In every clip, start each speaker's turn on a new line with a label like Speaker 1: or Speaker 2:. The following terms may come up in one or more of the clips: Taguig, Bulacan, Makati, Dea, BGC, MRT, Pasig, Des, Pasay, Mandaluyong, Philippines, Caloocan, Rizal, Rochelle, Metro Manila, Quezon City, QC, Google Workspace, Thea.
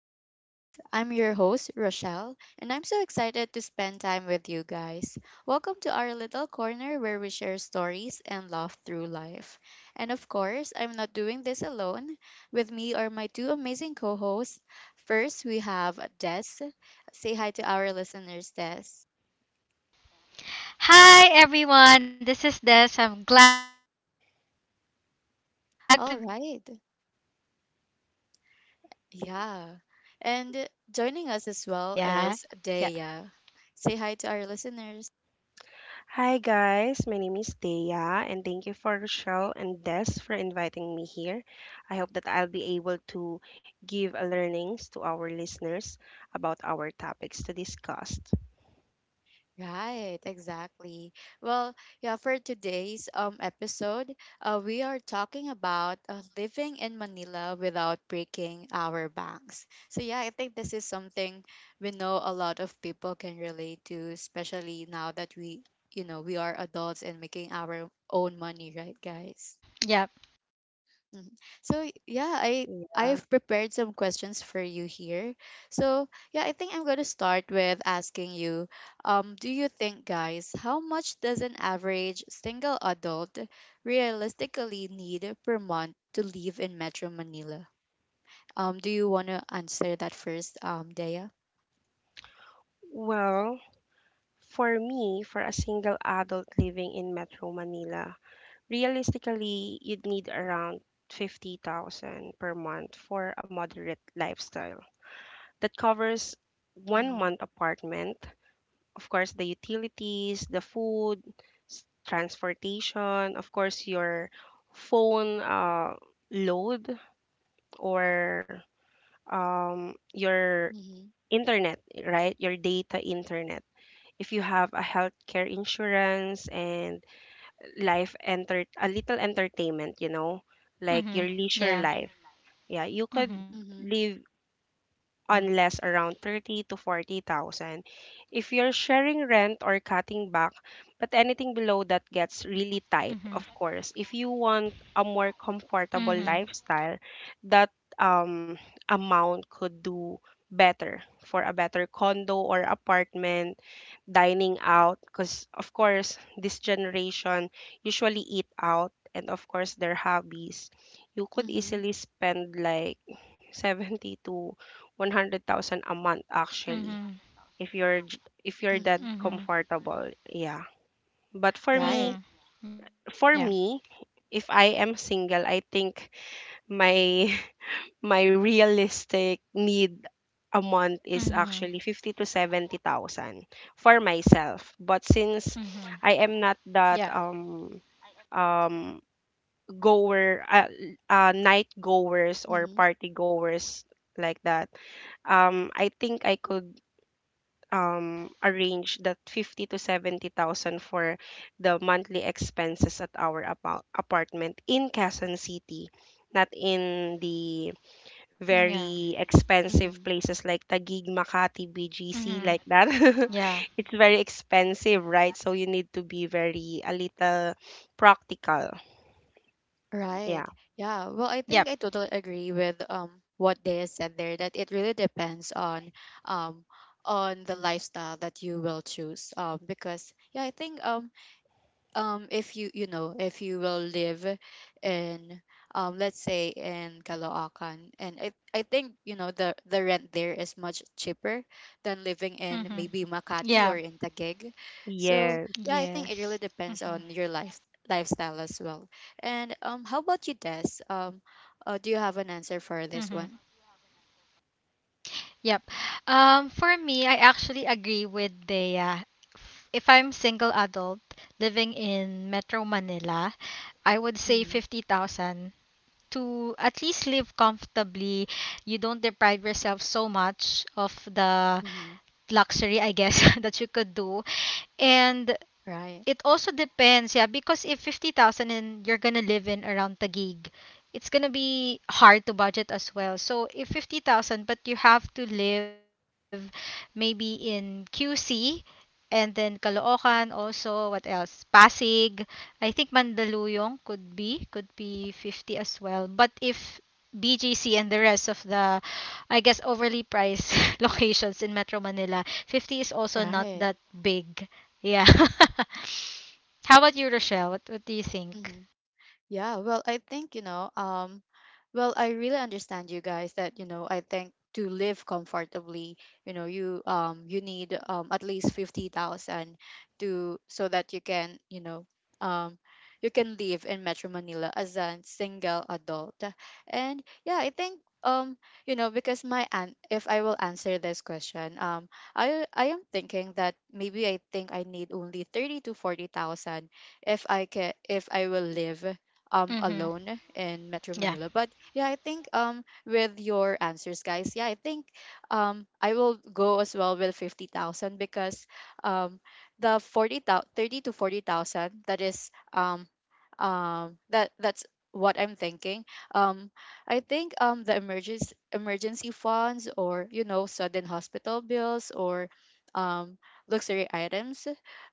Speaker 1: our talks. I'm your host, Rochelle, and I'm so excited to spend time with you guys. Welcome to our little corner where we share stories and laugh through life. And of course, I'm not doing this alone. With me are my two amazing co hosts. First, we have Des. Say hi to our listeners, Des.
Speaker 2: Hi everyone, this is Des. I'm glad to be back with Rochelle and
Speaker 1: All
Speaker 2: one of the
Speaker 1: right.
Speaker 2: new co-hosts, Dea. Yeah.
Speaker 1: Yeah. And joining us as well is Dea. Say hi to our listeners.
Speaker 3: Hi guys, my name is Thea and thank you for Rochelle and Des for inviting me here. I hope that I'll be able to give a learnings to our listeners about our topics to discuss.
Speaker 1: Right, exactly. Well, yeah, for today's episode, we are talking about living in Manila without breaking our banks. So yeah, I think this is something we know a lot of people can relate to, especially now that we, we are adults and making our own money, right, guys?
Speaker 2: Mhm. Yep.
Speaker 1: Mhm. So yeah,
Speaker 3: Yeah.
Speaker 1: I've prepared some questions for you here. So yeah, I think I'm gonna start with asking you, do you think, guys, how much does an average single adult realistically need per month to live in Metro Manila? Do you wanna answer that first, Dea?
Speaker 3: Well, for me, for a single adult living in Metro Manila, realistically, you'd need around 50,000 per month for a moderate lifestyle that covers one
Speaker 1: Mhm.
Speaker 3: month apartment, of course the utilities, the food, transportation, of course your phone load or your
Speaker 1: Mhm.
Speaker 3: internet, right? Your data internet. If you have a healthcare insurance and life enter a little entertainment, like your leisure life.
Speaker 2: Mhm.
Speaker 3: Yeah,
Speaker 2: Yeah.
Speaker 3: you could
Speaker 1: Mhm.
Speaker 3: live
Speaker 2: Mhm.
Speaker 3: unless around 30 to 40,000 if you're sharing rent or cutting back, but anything below that gets
Speaker 2: Mhm.
Speaker 3: really tight. Of course, if you want a more
Speaker 2: Mhm.
Speaker 3: comfortable lifestyle, that um amount could do better for a better condo or apartment, dining out, because of course this generation usually eat out, and of course their hobbies. You could
Speaker 1: Mhm.
Speaker 3: easily spend like 70 to 100,000 a month
Speaker 2: Mhm.
Speaker 3: actually if you're j- if you're that
Speaker 2: Mhm.
Speaker 1: Mhm.
Speaker 3: comfortable, yeah. But for
Speaker 2: Mhm.
Speaker 3: me
Speaker 1: Right.
Speaker 2: Yeah.
Speaker 3: for me if I am single, I think my my realistic need a month
Speaker 2: Mhm.
Speaker 3: is actually 50 to 70,000 for myself, but
Speaker 2: Mhm.
Speaker 3: since I am not
Speaker 2: Yeah.
Speaker 3: that um goer night goers or
Speaker 1: Mhm.
Speaker 3: party goers, like that, I think I could
Speaker 2: Mhm.
Speaker 3: a range that 50 to 70,000 for the monthly expenses at our apartment in Quezon City,
Speaker 2: Mhm.
Speaker 3: not in the
Speaker 2: Yeah.
Speaker 3: very expensive
Speaker 1: Mhm.
Speaker 3: places like Taguig, Makati,
Speaker 2: Mhm.
Speaker 3: BGC, like that.
Speaker 2: Yeah.
Speaker 3: It's very expensive, right? So you need to be very a
Speaker 2: Mhm.
Speaker 3: little
Speaker 2: Yes.
Speaker 3: practical.
Speaker 1: Right.
Speaker 3: Yeah.
Speaker 1: Yeah. Well,
Speaker 2: Yep.
Speaker 1: I think I totally agree with what they said there, that it really depends um on the lifestyle that you will choose. Because yeah, I think if you, you know, if you will live in, let's say in Caloocan, and I think you know the rent there is much cheaper than living
Speaker 2: Mhm.
Speaker 1: in maybe
Speaker 2: Yeah.
Speaker 1: Makati or in Taguig. So
Speaker 3: Yes.
Speaker 1: yeah, I think
Speaker 2: Yes.
Speaker 1: it really
Speaker 2: Mhm.
Speaker 1: depends on your lifestyle as well. And um, how about you, Des? um uh, do you have an answer for this
Speaker 2: Mhm.
Speaker 1: one?
Speaker 2: Yep. For me, I actually agree with Dea. If I'm single adult living in Metro Manila, I would say
Speaker 1: Mm-hmm,
Speaker 2: 50,000 to at least live comfortably. You don't deprive yourself so much of the
Speaker 1: mm-hmm.
Speaker 2: luxury, I guess, that you could do. And
Speaker 1: Right.
Speaker 2: it also depends, yeah, because if 50,000 and you're gonna live in around Taguig, it's gonna be hard to budget as well. So if 50,000 but you have to live maybe in QC and then Caloocan also, what else? Pasig. I think Mandaluyong could be 50 as well. But if BGC and the rest of the, I guess, overly priced locations in Metro Manila, 50 is also not
Speaker 1: Right.
Speaker 2: that big. Yeah. How about you, Rochelle? What do you think?
Speaker 1: Yeah, well, I think, you know, well, I really understand you guys that, you know, I think to live comfortably, you know, you you need at least 50,000, to so that you can, you know, um you can live in Metro Manila as a single adult. And yeah, I think um, you know, because my aunt, if I will answer this question, I am thinking that maybe I think I need only 30 to 40,000 if I can, if I will live
Speaker 2: Mhm.
Speaker 1: alone in Metro
Speaker 2: Yeah.
Speaker 1: Manila. But yeah, I think um, with your answers, guys, yeah, I think I will go as well with 50,000, because um the 40,000, 30 to 40,000, that is that's what I'm thinking. Um, I think um, the emergency funds, or you know, sudden hospital bills or um luxury items,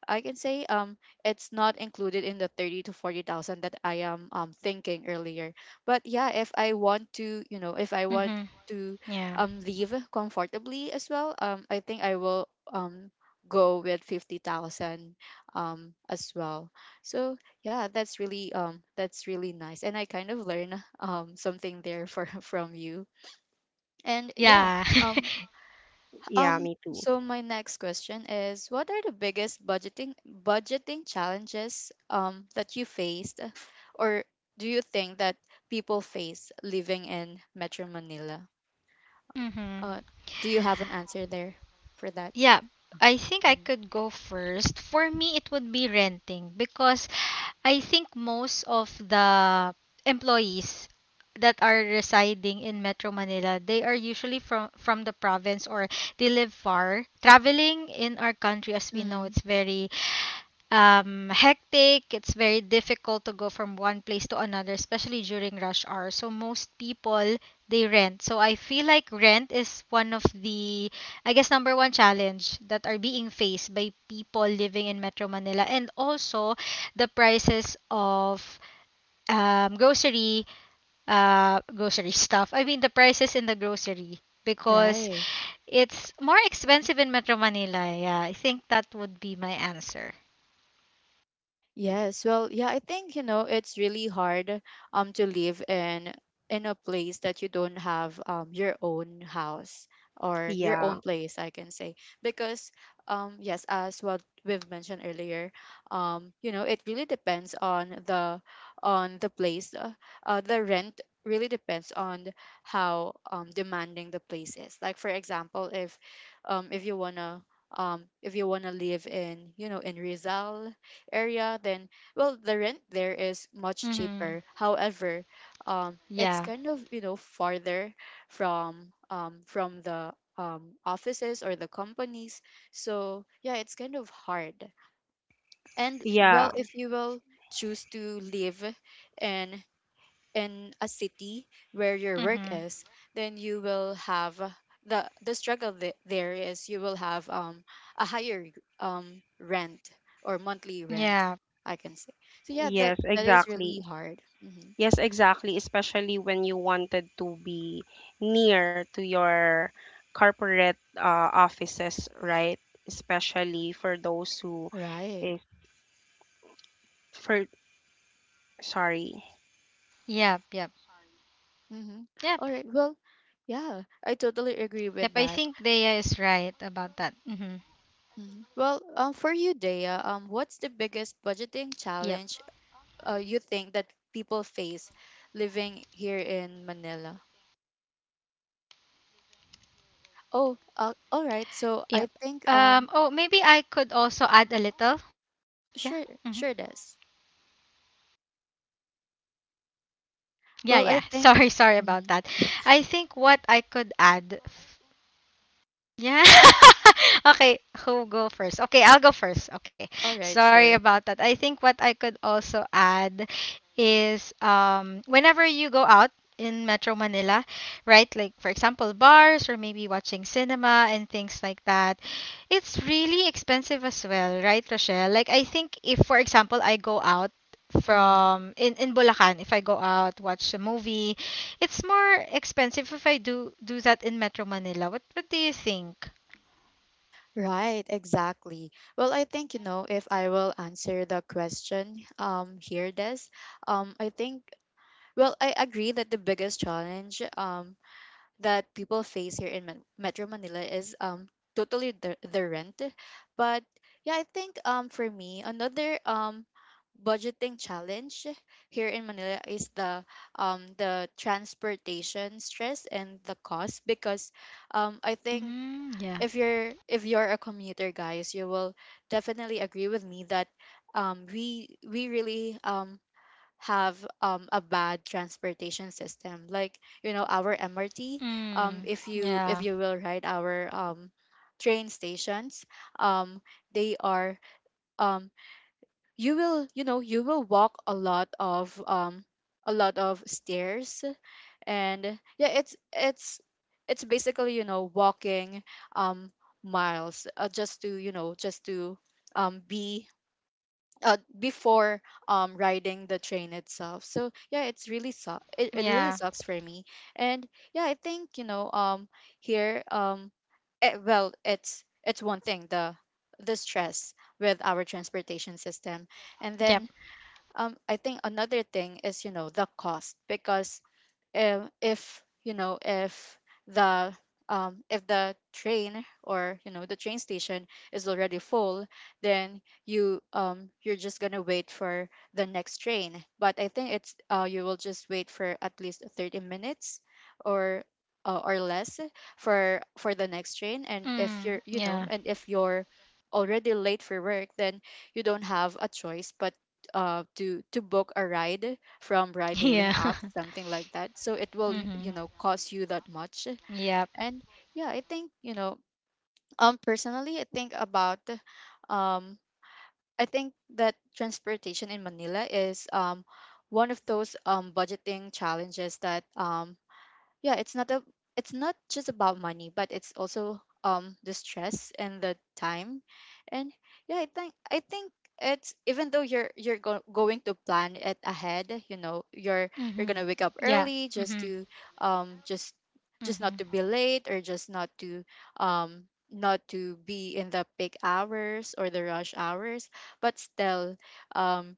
Speaker 1: I can say um, it's not included in the 30 to 40,000 that I am, thinking earlier. But yeah, if I want to, you know, if I want
Speaker 2: Mhm.
Speaker 1: to,
Speaker 2: Yeah.
Speaker 1: leave comfortably as well, I think I will, go with 50,000, as well. So yeah, that's really, that's really nice. And I kind of learn, something there for, from you. And yeah,
Speaker 2: Yeah.
Speaker 1: um,
Speaker 3: Yeah, me too.
Speaker 1: so my next question is, what are the biggest budgeting challenges um, that you faced, or do you think that people face living in Metro Manila?
Speaker 2: Mhm.
Speaker 1: Uh, do you have an answer there for that?
Speaker 2: Yeah. I think I could go first. For me, it would be renting because I think most of the employees that are residing in Metro Manila, they are usually from the province or they live far. Traveling in our country, as we know,
Speaker 1: Mm-hmm.
Speaker 2: it's very hectic. It's very difficult to go from one place to another, especially during rush hour. So most people, they rent. So I feel like rent is one of the, I guess, number one challenge that are being faced by people living in Metro Manila. And also the prices of um grocery grocery stuff. I mean, the prices in the grocery, because
Speaker 1: Right.
Speaker 2: it's more expensive in Metro Manila. Yeah, I think that would be my answer.
Speaker 1: Yes, well, yeah, I think, you know, it's really hard to live in a place that you don't have um, your own house or your
Speaker 3: Yeah.
Speaker 1: own place, I can say. Because um, yes, as what we've mentioned earlier, you know, it really depends on the place. Uh, the rent really depends on how um, demanding the place is. Like for example, if um if you wanna if you wanna live in, you know, in Rizal area, then well, the rent there is much
Speaker 2: Mhm.
Speaker 1: cheaper. However,
Speaker 2: Yeah.
Speaker 1: it's kind of, you know, farther from the offices or the companies. So yeah, it's kind of hard. And
Speaker 3: Yeah.
Speaker 1: well, if you will choose to live in a city where your work is, then you will
Speaker 2: Mhm.
Speaker 1: have, the struggle there is, you will have um, a higher um, rent or monthly rent, I can say. So yeah,
Speaker 2: Yeah.
Speaker 3: Yes,
Speaker 1: that is
Speaker 3: exactly.
Speaker 1: really hard. Hmm.
Speaker 3: Yes, exactly, especially when you wanted to be near to your corporate offices, right? Especially for those who
Speaker 1: Right.
Speaker 3: is, for, sorry.
Speaker 2: Yep. Yep.
Speaker 1: Mm-hmm. All right. Well,
Speaker 2: Yep. Yep. I
Speaker 1: yeah, I
Speaker 2: think Dea
Speaker 1: totally
Speaker 2: is
Speaker 1: agree with
Speaker 2: right
Speaker 1: that.
Speaker 2: about that. Mhm.
Speaker 1: Mhm. Well, for you, Dea, what's the biggest
Speaker 2: Yep.
Speaker 1: budgeting challenge, you think that people face living here in Manila? Oh, all right.
Speaker 2: Yep.
Speaker 1: So I think
Speaker 2: Oh,
Speaker 1: um,
Speaker 2: maybe I could also add a little. Yeah. Mhm.
Speaker 1: sure, sure this.
Speaker 2: Yeah. Yeah.
Speaker 1: Well, I
Speaker 2: Sorry. Sorry
Speaker 1: think
Speaker 2: about that.
Speaker 1: mhm.
Speaker 2: I think what I could add. Yeah. Okay, who go first? Okay, I'll go first. Okay.
Speaker 1: All right,
Speaker 2: Sorry
Speaker 1: sure.
Speaker 2: about that. I think what I could also add is whenever you go out in Metro Manila, right? Like for example, bars or maybe watching cinema and things like that. It's really expensive as well, right, Rochelle? Like I think if for example I go out
Speaker 1: Hmm.
Speaker 2: from in Bulacan, if I go out watch a movie, it's more expensive if I do that in Metro Manila. What do you think?
Speaker 1: Right, exactly. Well, I think, you know, if I will answer the question um, here this, I think, well, I agree that the biggest challenge um, that people face here in Metro Manila is um, totally the rent. But yeah, I think um, for me, another um, budgeting challenge here in Manila is the transportation stress and the cost. Because I think if
Speaker 2: Mm,
Speaker 1: you're,
Speaker 2: yeah.
Speaker 1: if you're a commuter, guys, you will definitely agree with me that we really um, have a bad transportation system, like you know, our MRT. Um, if you,
Speaker 2: Mm,
Speaker 1: if you will ride
Speaker 2: yeah.
Speaker 1: our train stations, um, they are um, you will, you know, you will walk a lot of stairs. And yeah, it's basically, you know, walking um, miles, just to, you know, just to be, before um, riding the train itself. So yeah, it's
Speaker 2: Mhm.
Speaker 1: really it really sucks for
Speaker 2: Yeah.
Speaker 1: me. And yeah, I think, you know, um, here um, well, it's one thing, the stress with our transportation system. And then
Speaker 2: Yep.
Speaker 1: um, I think another thing is, you know, the cost. Because if you know, the if the train, or you know, the train station is already full, then you um, you're just gonna wait for the next train. But I think it's, uh, you will just wait for at least 30 minutes, or or less for the next train. And if you're, you know,
Speaker 2: Mm,
Speaker 1: and if
Speaker 2: yeah.
Speaker 1: you're already late for work, then you don't have a choice but, uh, to book a ride
Speaker 2: Yeah.
Speaker 1: from ride hailing apps, something like that. So
Speaker 2: Mhm.
Speaker 1: it will you know, cost you that
Speaker 2: Yep.
Speaker 1: much. And yeah, I think, you know, um, personally, I think about um, I think that transportation in Manila is um, one of those um, budgeting challenges that um, yeah, it's not a, it's not just about money, but it's also um, the stress and the time. And yeah, I think it's, even though you're, going to plan it ahead, you know, you're going to wake
Speaker 2: Mhm.
Speaker 1: up early
Speaker 2: Yeah.
Speaker 1: just to
Speaker 2: Mhm.
Speaker 1: um, just not to be
Speaker 2: Mhm.
Speaker 1: late, or just not to um, not to be in the peak hours or the rush hours. But still um,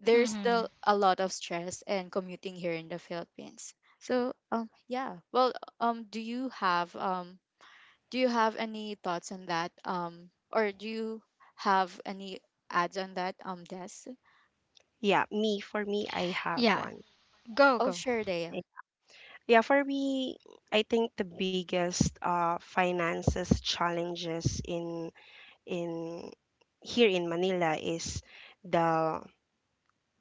Speaker 1: there's still a
Speaker 2: Mhm.
Speaker 1: lot of stress and commuting here in the Philippines. So um, yeah. Well um, do you have um, do you have any thoughts on that? Um, or do you have any ads on that, um, Des?
Speaker 3: Yeah, me for me I have one.
Speaker 2: Yeah.
Speaker 1: Oh
Speaker 2: Go
Speaker 1: sure,
Speaker 2: go.
Speaker 1: Dea.
Speaker 3: Yeah, for me, I think the biggest finances challenges in here in Manila is the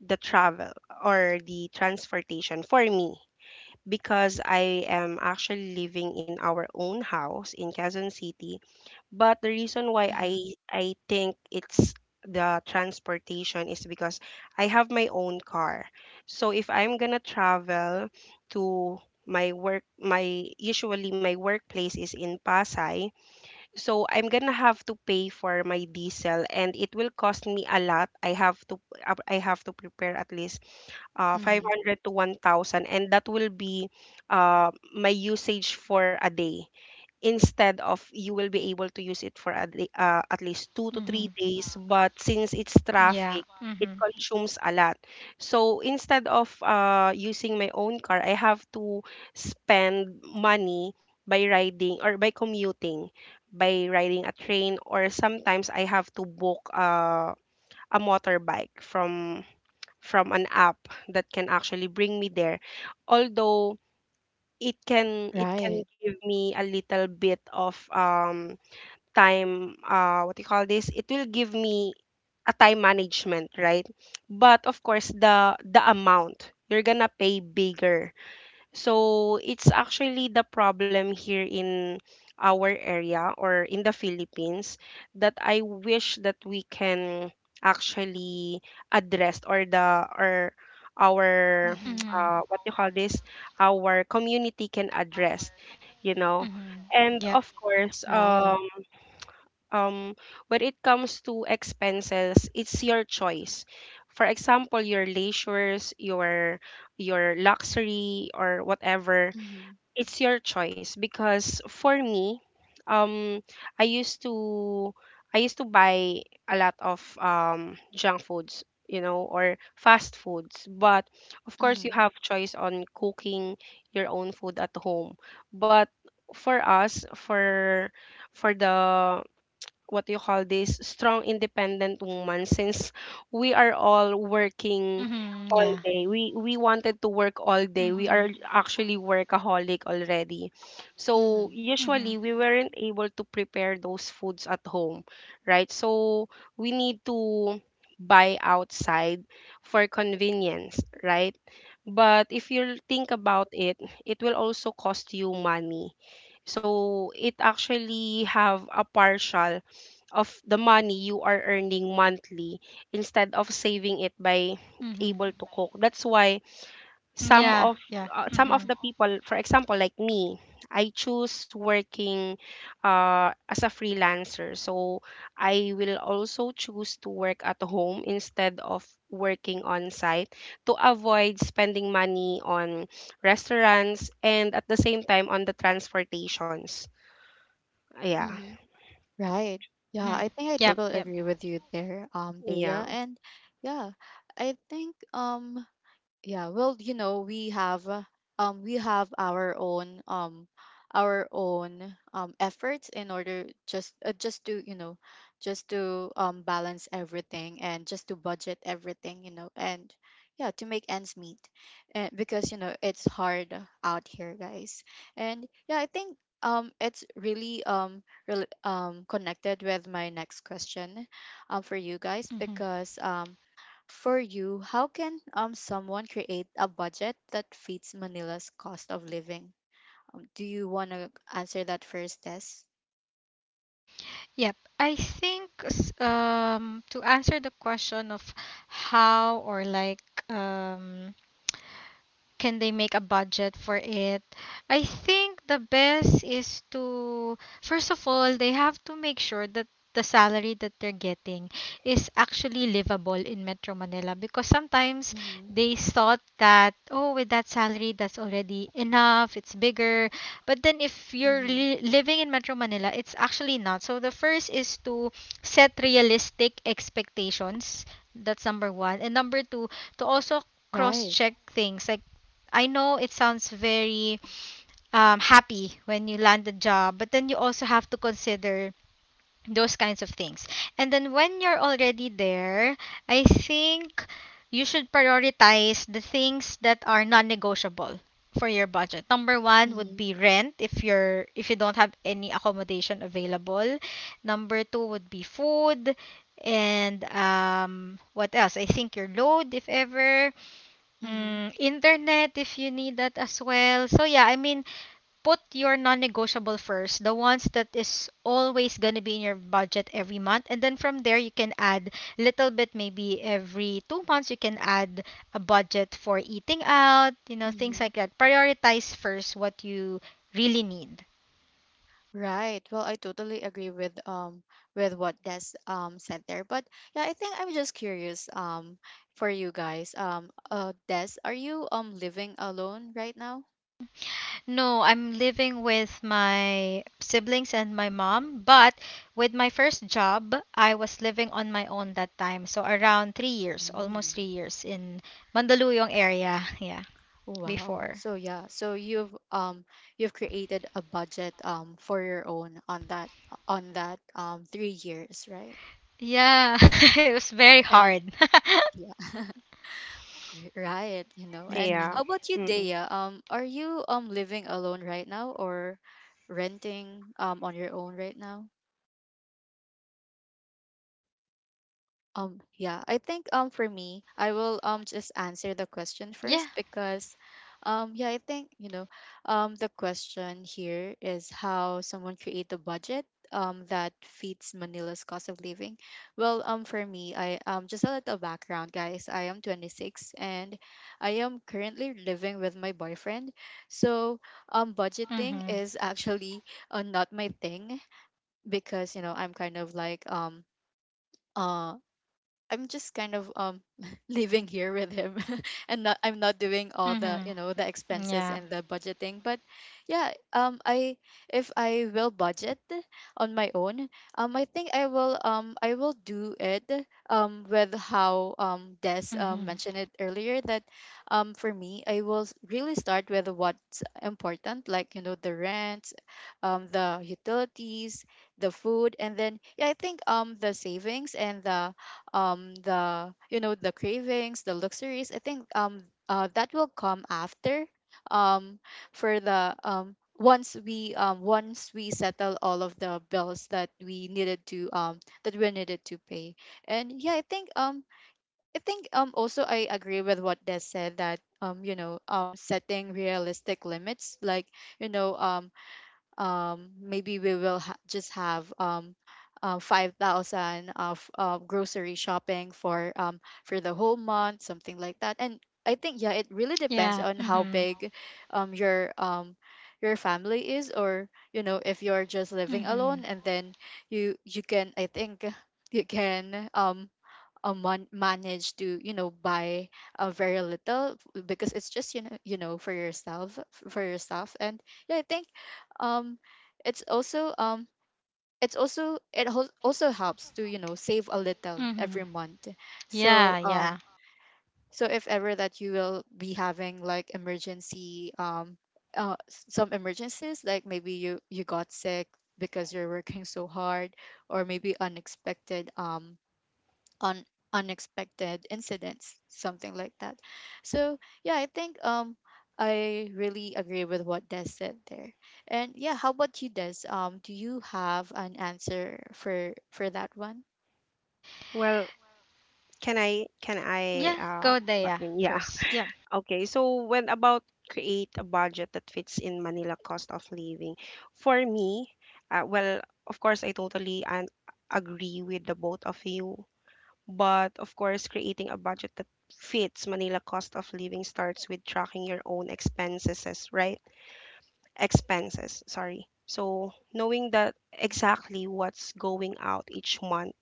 Speaker 3: the travel or the transportation for me, because I am actually living in our own house in Quezon City. But the reason why
Speaker 1: Mm-hmm.
Speaker 3: I think it's the transportation is because I have my own car. So if I'm gonna travel to my workplace is in Pasay, so I'm gonna have to pay for my diesel and it will cost me a lot. I have to prepare at least
Speaker 1: Mm-hmm.
Speaker 3: 500 to 1,000, and that will be my usage for a day. Instead of, you will be able to use it for a day, at least two to three
Speaker 2: Mhm.
Speaker 3: days, but since it's traffic,
Speaker 2: Yeah.
Speaker 3: it
Speaker 2: Mhm.
Speaker 3: consumes a lot. So instead of using my own car, I have to spend money by riding or by commuting, by riding a train, or sometimes I have to book a motorbike from an app that can actually bring me there. Although it can
Speaker 1: Right.
Speaker 3: give me a little bit of time, what do you call this? It will give me a time management, right? But of course the amount you're gonna pay bigger, so it's actually the problem here in our area or in the Philippines that I wish that we can actually address, or our
Speaker 1: Mm-hmm.
Speaker 2: Mhm.
Speaker 3: what you call this, our community can address you know
Speaker 2: Mhm.
Speaker 3: and
Speaker 2: Yep.
Speaker 3: of course,
Speaker 1: Right.
Speaker 3: um, when it comes to expenses, it's your choice. For example, your leisures, your luxury, or whatever,
Speaker 1: Mm-hmm.
Speaker 3: it's your choice. Because for me, um i used to I used to buy a lot of junk foods or fast foods. But of course you
Speaker 1: Mm-hmm.
Speaker 3: have choice on cooking your own food at home, but for us, for the, what do you call this, strong independent woman, since we are all working
Speaker 2: Mhm.
Speaker 3: all
Speaker 2: Yeah.
Speaker 3: day, we wanted to work all day, we are
Speaker 2: Mhm.
Speaker 3: actually workaholic already, so
Speaker 1: Mm-hmm.
Speaker 3: usually
Speaker 2: Mhm.
Speaker 3: we weren't able to prepare those foods at home, right? So we need to buy outside for convenience, right? But if you think about it, it will also cost you money. So it actually have a partial of the money you are earning monthly instead of saving it by
Speaker 2: Mhm.
Speaker 3: able to cook. That's why some
Speaker 2: Yeah.
Speaker 3: of,
Speaker 2: Yeah. Mhm.
Speaker 3: the people, for example, like me, I choose working as a freelancer. So I will also choose to work at home instead of working on site, to avoid spending money on restaurants and at the same time on the transportations. Yeah,
Speaker 1: Mm-hmm. Right. Yeah,
Speaker 2: Mhm.
Speaker 1: I think I
Speaker 2: Yep.
Speaker 1: totally
Speaker 2: Yep.
Speaker 1: agree with you there, Dea.
Speaker 3: yeah,
Speaker 1: And yeah, I think um, yeah, well, you know, we have, um, we have our own um, our own um, efforts, in order just, just to, you know, just to um, balance everything and just to budget everything, you know, and yeah, to make ends meet. And because, you know, it's hard out here, guys. And yeah, I think um, it's really um, rel um, connected with my next question um, for you guys.
Speaker 2: Mhm.
Speaker 1: Because um, for you, how can um, someone create a budget that fits Manila's cost of living? Do you want to answer that first, Tess?
Speaker 2: Yep. I think to answer the question of how or like um can they make a budget for it? I think the best is to, first of all, they have to make sure that the salary that they're getting is actually livable in Metro Manila, because sometimes
Speaker 1: Mm-hmm.
Speaker 2: they thought that, oh, with that salary, that's already enough, it's bigger. But then if you're
Speaker 1: Mm-hmm.
Speaker 2: living in Metro Manila, it's actually not. So the first is to set realistic expectations. That's number one. And number two, to also cross
Speaker 1: Right.
Speaker 2: check things. Like I know it sounds very happy when you land a job, but then you also have to consider those kinds of things. And then when you're already there, I think you should prioritize the things that are non-negotiable for your budget. Number one would
Speaker 1: Mm-hmm.
Speaker 2: be rent if you don't have any accommodation available. Number two would be food and what else? I think your load if ever,
Speaker 1: Mm-hmm.
Speaker 2: Internet if you need that as well. So yeah, I mean, put your non-negotiable first, the ones that is always gonna be in your budget every month, and then from there you can add little bit, maybe every 2 months you can add a budget for eating out, you know, things
Speaker 1: Mm-hmm.
Speaker 2: like that. Prioritize first what you really need.
Speaker 1: Right. Well, I totally agree with um, with what Des um, said there. But yeah, I think I'm just curious um, for you guys. Um, uh, Des, are you um, living alone right now?
Speaker 2: No, I'm living with my siblings and my mom, but with my first job, I was living on my own that time. So around 3 years,
Speaker 1: Mm.
Speaker 2: almost 3 years in Mandaluyong area. Yeah,
Speaker 1: Wow.
Speaker 2: before.
Speaker 1: So yeah, so you've um, you've created a budget um, for your own on that, on that um, 3 years, right?
Speaker 2: Yeah, it was very
Speaker 1: And
Speaker 2: hard.
Speaker 1: yeah, right, you know. And
Speaker 2: Hmm.
Speaker 3: yeah.
Speaker 1: how about you,
Speaker 3: Mm-mm.
Speaker 1: Dea? Are you um, living alone right now, or renting um, on your own right now? Yeah, I think um, for me, I will um, just answer the question
Speaker 2: Yeah.
Speaker 1: first. Because um, yeah, I think, you know, um, the question here is how someone create a budget um, that fits Manila's cost of living. Well, um, for me, I um, just a little background, guys. I am 26, and I am currently living with my boyfriend. So, budgeting
Speaker 2: Mm-hmm.
Speaker 1: is actually not my thing because, I'm kind of like uh I'm just kind of living here with him and not I'm not doing all the
Speaker 2: Mm-hmm.
Speaker 1: the expenses
Speaker 2: Yeah.
Speaker 1: and the budgeting. But yeah I if I will budget on my own, I think I will do it with how Des
Speaker 2: Mm-hmm.
Speaker 1: mentioned it earlier. That For me, I will really start with what's important, like you know, the rent, the utilities, the food. And then yeah, I think the savings and the you know, the cravings, the luxuries. I think That will come after, um for the once we settle all of the bills that we needed to that we needed to pay. And yeah, I think also I agree with what Des said, that you know, setting realistic limits, like you know, maybe we will just have 5,000 of grocery shopping for the whole month, something like that. And I think yeah, it really
Speaker 2: Yeah.
Speaker 1: depends on how
Speaker 2: Mm-hmm.
Speaker 1: big um, your um, your family is, or you know, if you're just living
Speaker 2: Mm-hmm.
Speaker 1: alone. And then you can, I think you can manage to you know, buy very little because it's just you know, you know, for yourself for yourself. And yeah, I think um it's also um it's also, it also helps to you know, save a little
Speaker 2: Mm-hmm.
Speaker 1: every month.
Speaker 2: Yeah,
Speaker 1: So
Speaker 2: yeah.
Speaker 1: so if ever that you will be having like emergency, some emergencies, like maybe you you got sick because you're working so hard, or maybe unexpected on unexpected incidents, something like that. So yeah, I really agree with what Des said there. And yeah, how about you, Des? Do you have an answer for that one?
Speaker 3: Well, can I can I
Speaker 2: Yeah,
Speaker 3: uh
Speaker 2: go there,
Speaker 3: but
Speaker 2: yeah,
Speaker 3: yeah,
Speaker 2: first. Yeah.
Speaker 3: okay. So when about create a budget that fits in Manila cost of living? For me, well, of course I totally and agree with the both of you, but of course creating a budget that fits Manila cost of living starts with tracking your own expenses, right? Expenses, sorry. So knowing that exactly what's going out each month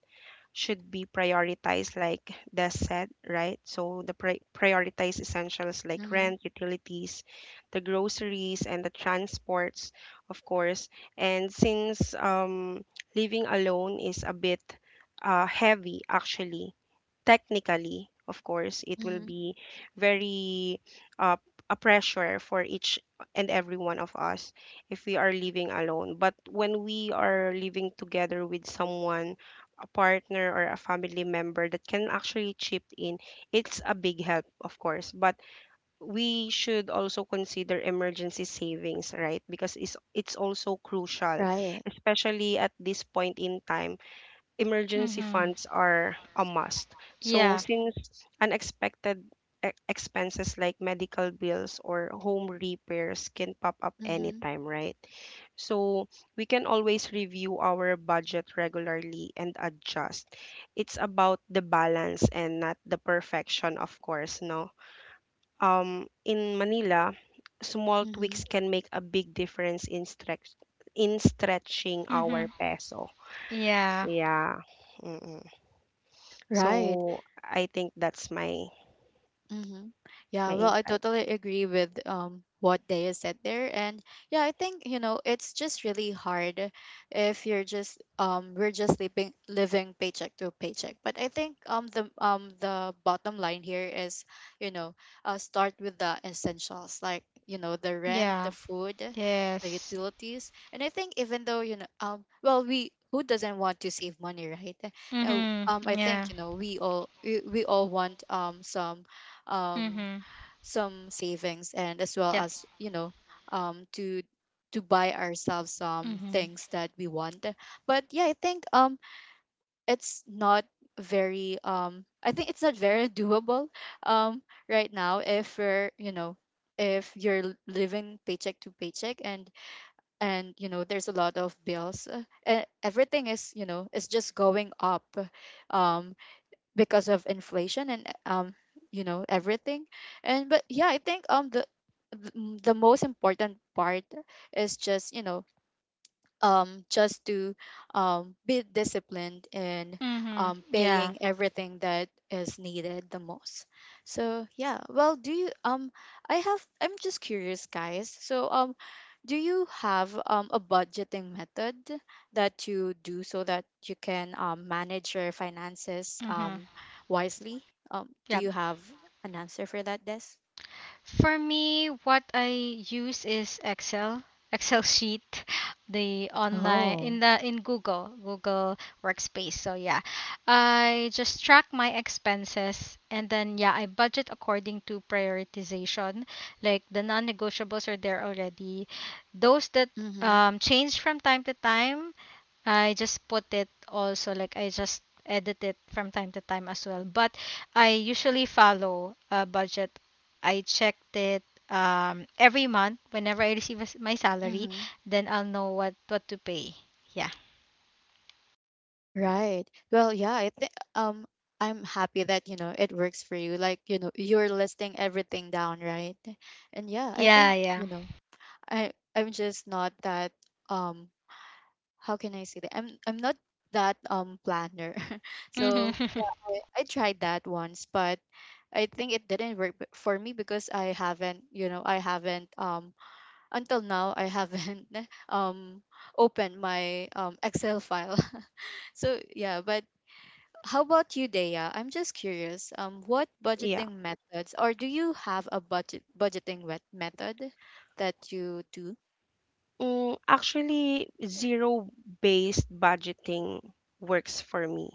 Speaker 3: should be prioritized like Des said, right? So the prioritize essentials like
Speaker 1: Mm-hmm,
Speaker 3: rent, utilities, the groceries, and the transports, of course. And since living alone is a bit heavy, actually, technically, of course, it will
Speaker 1: mm-hmm.
Speaker 3: be very uh, a pressure for each and every one of us if we are living alone. But when we are living together with someone, a partner or a family member that can actually chip in, it's a big help, of course. But we should also consider emergency savings, right? Because it's also crucial,
Speaker 1: Right.
Speaker 3: especially at this point in time, emergency
Speaker 2: Mm-hmm.
Speaker 3: funds are a must. So
Speaker 2: Yeah.
Speaker 3: since unexpected expenses like medical bills or home repairs can pop up
Speaker 1: Mm-hmm.
Speaker 3: anytime, right? So we can always review our budget regularly and adjust. It's about the balance and not the perfection, of course, no. In Manila, small tweaks
Speaker 1: Mm-hmm.
Speaker 3: can make a big difference in stretch in stretching our
Speaker 2: Mm-hmm.
Speaker 3: peso.
Speaker 2: Yeah.
Speaker 3: Yeah. Mm-mm.
Speaker 1: Right.
Speaker 3: So I think that's my
Speaker 1: Mm-hmm.
Speaker 3: my
Speaker 1: Yeah, well, I
Speaker 3: insight.
Speaker 1: totally agree with what Daya said there. And yeah, I think, you know, it's just really hard if you're just we're just living paycheck to paycheck. But I think the bottom line here is, you know, start with the essentials, like, you know, the rent, the
Speaker 2: Yeah.
Speaker 1: food, the
Speaker 2: Yes.
Speaker 1: utilities. And I think even though, you know, well, we, who doesn't want to save money, right?
Speaker 2: Mhm.
Speaker 1: I
Speaker 2: Yeah.
Speaker 1: think, you know, we all want um,
Speaker 2: Mhm.
Speaker 1: some savings, and as well
Speaker 2: Yep.
Speaker 1: as you know, um, to to buy ourselves some
Speaker 2: Mhm.
Speaker 1: things that we want. But yeah, I think it's not very I think it's not very doable um, right now if we're you know, if you're living paycheck to paycheck, and you know, there's a lot of bills. Everything is you know, is just going up um because of inflation and you know, everything. And but yeah, I think the most important part is just you know, just to be disciplined in
Speaker 2: Mhm. Yeah.
Speaker 1: paying everything that is needed the most. So yeah, well, do you I'm just curious, guys. So do you have a budgeting method that you do so that you can manage your finances
Speaker 2: Mhm.
Speaker 1: wisely? Do
Speaker 2: Yep.
Speaker 1: you have an answer for that, Des?
Speaker 2: For me, what I use is Excel sheet, the online
Speaker 1: Oh.
Speaker 2: in the in Google Workspace. So yeah, I just track my expenses and then yeah, I budget according to prioritization. Like the non-negotiables are there already. Those that
Speaker 1: Mm-hmm.
Speaker 2: change from time to time, I just put it also, like I just edit it from time to time as well. But I usually follow a budget. I checked it every month whenever I receive a s my salary. Then I'll know what to pay. Yeah.
Speaker 1: Right. Well, yeah, I think I'm happy that, you know, it works for you. Like, you know, you're listing everything down, right? And yeah, I
Speaker 2: Yeah.
Speaker 1: think,
Speaker 2: Yeah.
Speaker 1: you know, I I'm just not that um how can I say that? I'm not that planner. So,
Speaker 2: Mm-hmm.
Speaker 1: yeah, I tried that once, but I think it didn't work for me because I haven't, you know, I haven't until now I haven't um opened my Excel file. So yeah, but how about you, Dea? I'm just curious. What
Speaker 3: Yeah.
Speaker 1: budgeting methods, or do you have a budgeting wet method that you do?
Speaker 3: Mm, actually, zero-based budgeting works for me.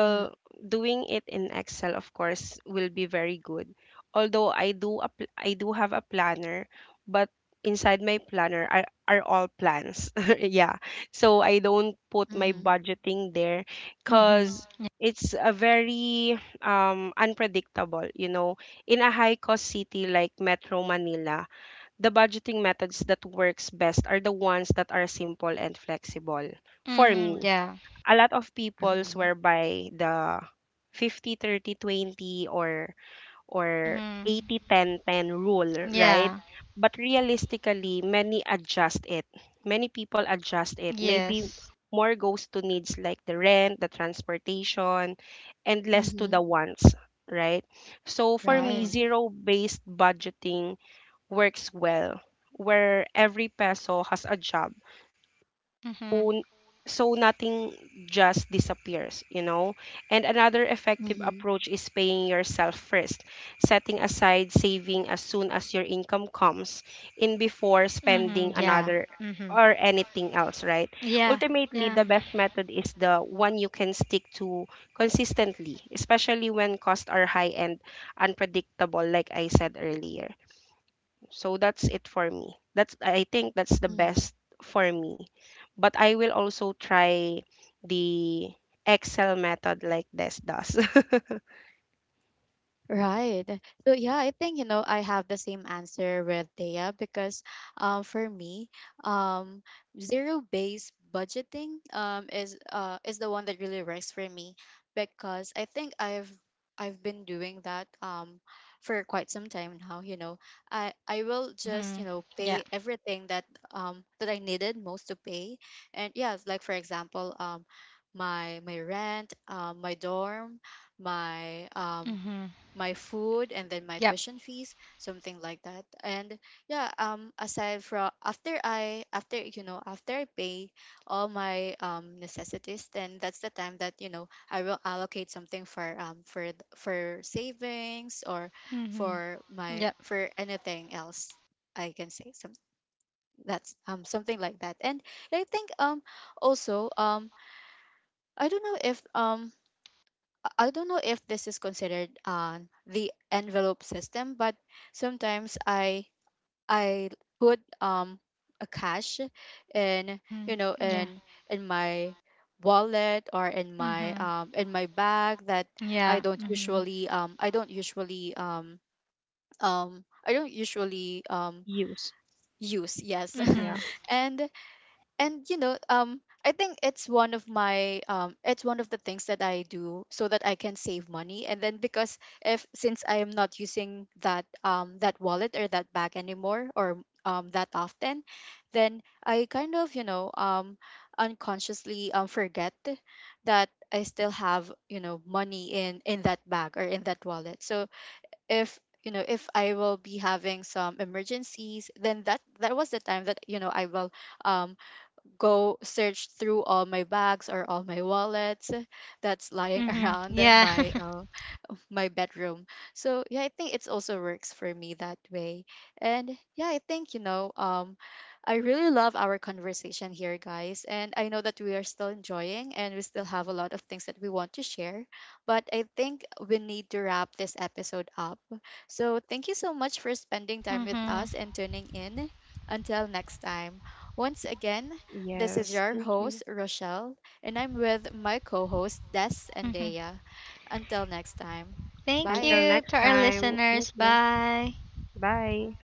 Speaker 1: Mm-hmm,
Speaker 3: doing it in Excel, of course, will be very good. Although I do have a planner, but inside my planner are all plans. Yeah. So I don't put my
Speaker 1: mm-hmm,
Speaker 3: budgeting there
Speaker 2: Mm-hmm.
Speaker 3: because it's a very unpredictable. In a high-cost city like Metro Manila, the budgeting methods that works best are the ones that are simple and flexible. For
Speaker 2: Mm-hmm.
Speaker 3: me,
Speaker 2: Yeah.
Speaker 3: a lot of
Speaker 1: mm-hmm,
Speaker 3: people
Speaker 1: mm-hmm.
Speaker 3: swear by the 50 30 20 or
Speaker 2: Mm-hmm.
Speaker 3: 80 10 10 rule, right?
Speaker 2: Yeah.
Speaker 3: But realistically, many adjust it. Many people adjust it. Maybe
Speaker 2: Yes.
Speaker 3: more goes to needs like the rent, the transportation, and less to
Speaker 1: Mm-hmm.
Speaker 3: the wants, right? So for me,
Speaker 2: Mm-hmm.
Speaker 1: Right.
Speaker 3: zero-based budgeting works well, where every peso has a job.
Speaker 2: Mm-hmm.
Speaker 3: So, so nothing just disappears, you know? And another effective
Speaker 1: Mm-hmm,
Speaker 3: approach is paying yourself first, setting aside saving as soon as your income comes in before
Speaker 2: Mm-hmm.
Speaker 3: spending
Speaker 2: Yeah.
Speaker 3: another
Speaker 2: Mm-hmm.
Speaker 3: or anything else, right?
Speaker 2: Yeah.
Speaker 3: Ultimately,
Speaker 2: Yeah.
Speaker 3: the best method is the one you can stick to consistently, especially when costs are high and unpredictable, like I said earlier. So that's it for me. That's I think that's the
Speaker 1: mm-hmm.
Speaker 3: best for me. But I will also try the Excel method like this does.
Speaker 1: Right. So yeah, I think you know, I have the same answer with Thea. Because for me, um zero based budgeting is the one that really works for me, because I think I've been doing that for quite some time now, you know. I will
Speaker 2: Mm-hmm.
Speaker 1: just, you know,
Speaker 2: Yeah.
Speaker 1: pay everything that that I needed most to pay. And yeah, like for example, my rent, my dorm, my um
Speaker 2: Mm-hmm.
Speaker 1: my food, and then my
Speaker 2: Yep.
Speaker 1: tuition fees, something like that. And yeah, aside from after I after you know, after I pay all my necessities, then that's the time that you know, I will allocate something for for savings, or
Speaker 2: Mm-hmm.
Speaker 1: for my
Speaker 2: Yep.
Speaker 1: for anything else, I can say some, that's something like that. And I think also I don't know if I don't know if this is considered the envelope system, but sometimes I put a cash in
Speaker 2: Mm-hmm.
Speaker 1: you know,
Speaker 2: Yeah.
Speaker 1: in my wallet or
Speaker 2: Mm-hmm.
Speaker 1: in my bag that I
Speaker 2: Yeah.
Speaker 1: don't
Speaker 2: Mm-hmm.
Speaker 1: usually I don't usually I don't usually
Speaker 3: Use.
Speaker 1: use, yes.
Speaker 3: Yeah.
Speaker 2: Mm-hmm.
Speaker 1: and and you know, I think it's one of my it's one of the things that I do so that I can save money. And then because if since I am not using that that wallet or that bag anymore, or that often, then I kind of you know, unconsciously forget that I still have you know, money in that bag or in that wallet. So if you know, if I will be having some emergencies, then that that was the time that you know, I will um go search through all my bags or all my wallets that's lying
Speaker 2: Mm-hmm.
Speaker 1: around
Speaker 2: Yeah.
Speaker 1: my my bedroom. So yeah, I think it's also works for me that way. And yeah, I think you know, I really love our conversation here, guys. And I know that we are still enjoying and we still have a lot of things that we want to share, but I think we need to wrap this episode up. So thank you so much for spending time with
Speaker 2: Mm-hmm.
Speaker 1: us and tuning in. Until next time. Once again, this is
Speaker 3: Yes.
Speaker 1: your
Speaker 3: Thank you.
Speaker 1: host, Rochelle, and I'm with my co host, Des and
Speaker 2: Mhm.
Speaker 1: Dea. Until next time.
Speaker 2: Thank
Speaker 1: Bye.
Speaker 3: Until
Speaker 2: you to
Speaker 3: next
Speaker 2: our
Speaker 3: time. Thank
Speaker 2: listeners.
Speaker 3: you.
Speaker 2: Bye.
Speaker 3: Bye.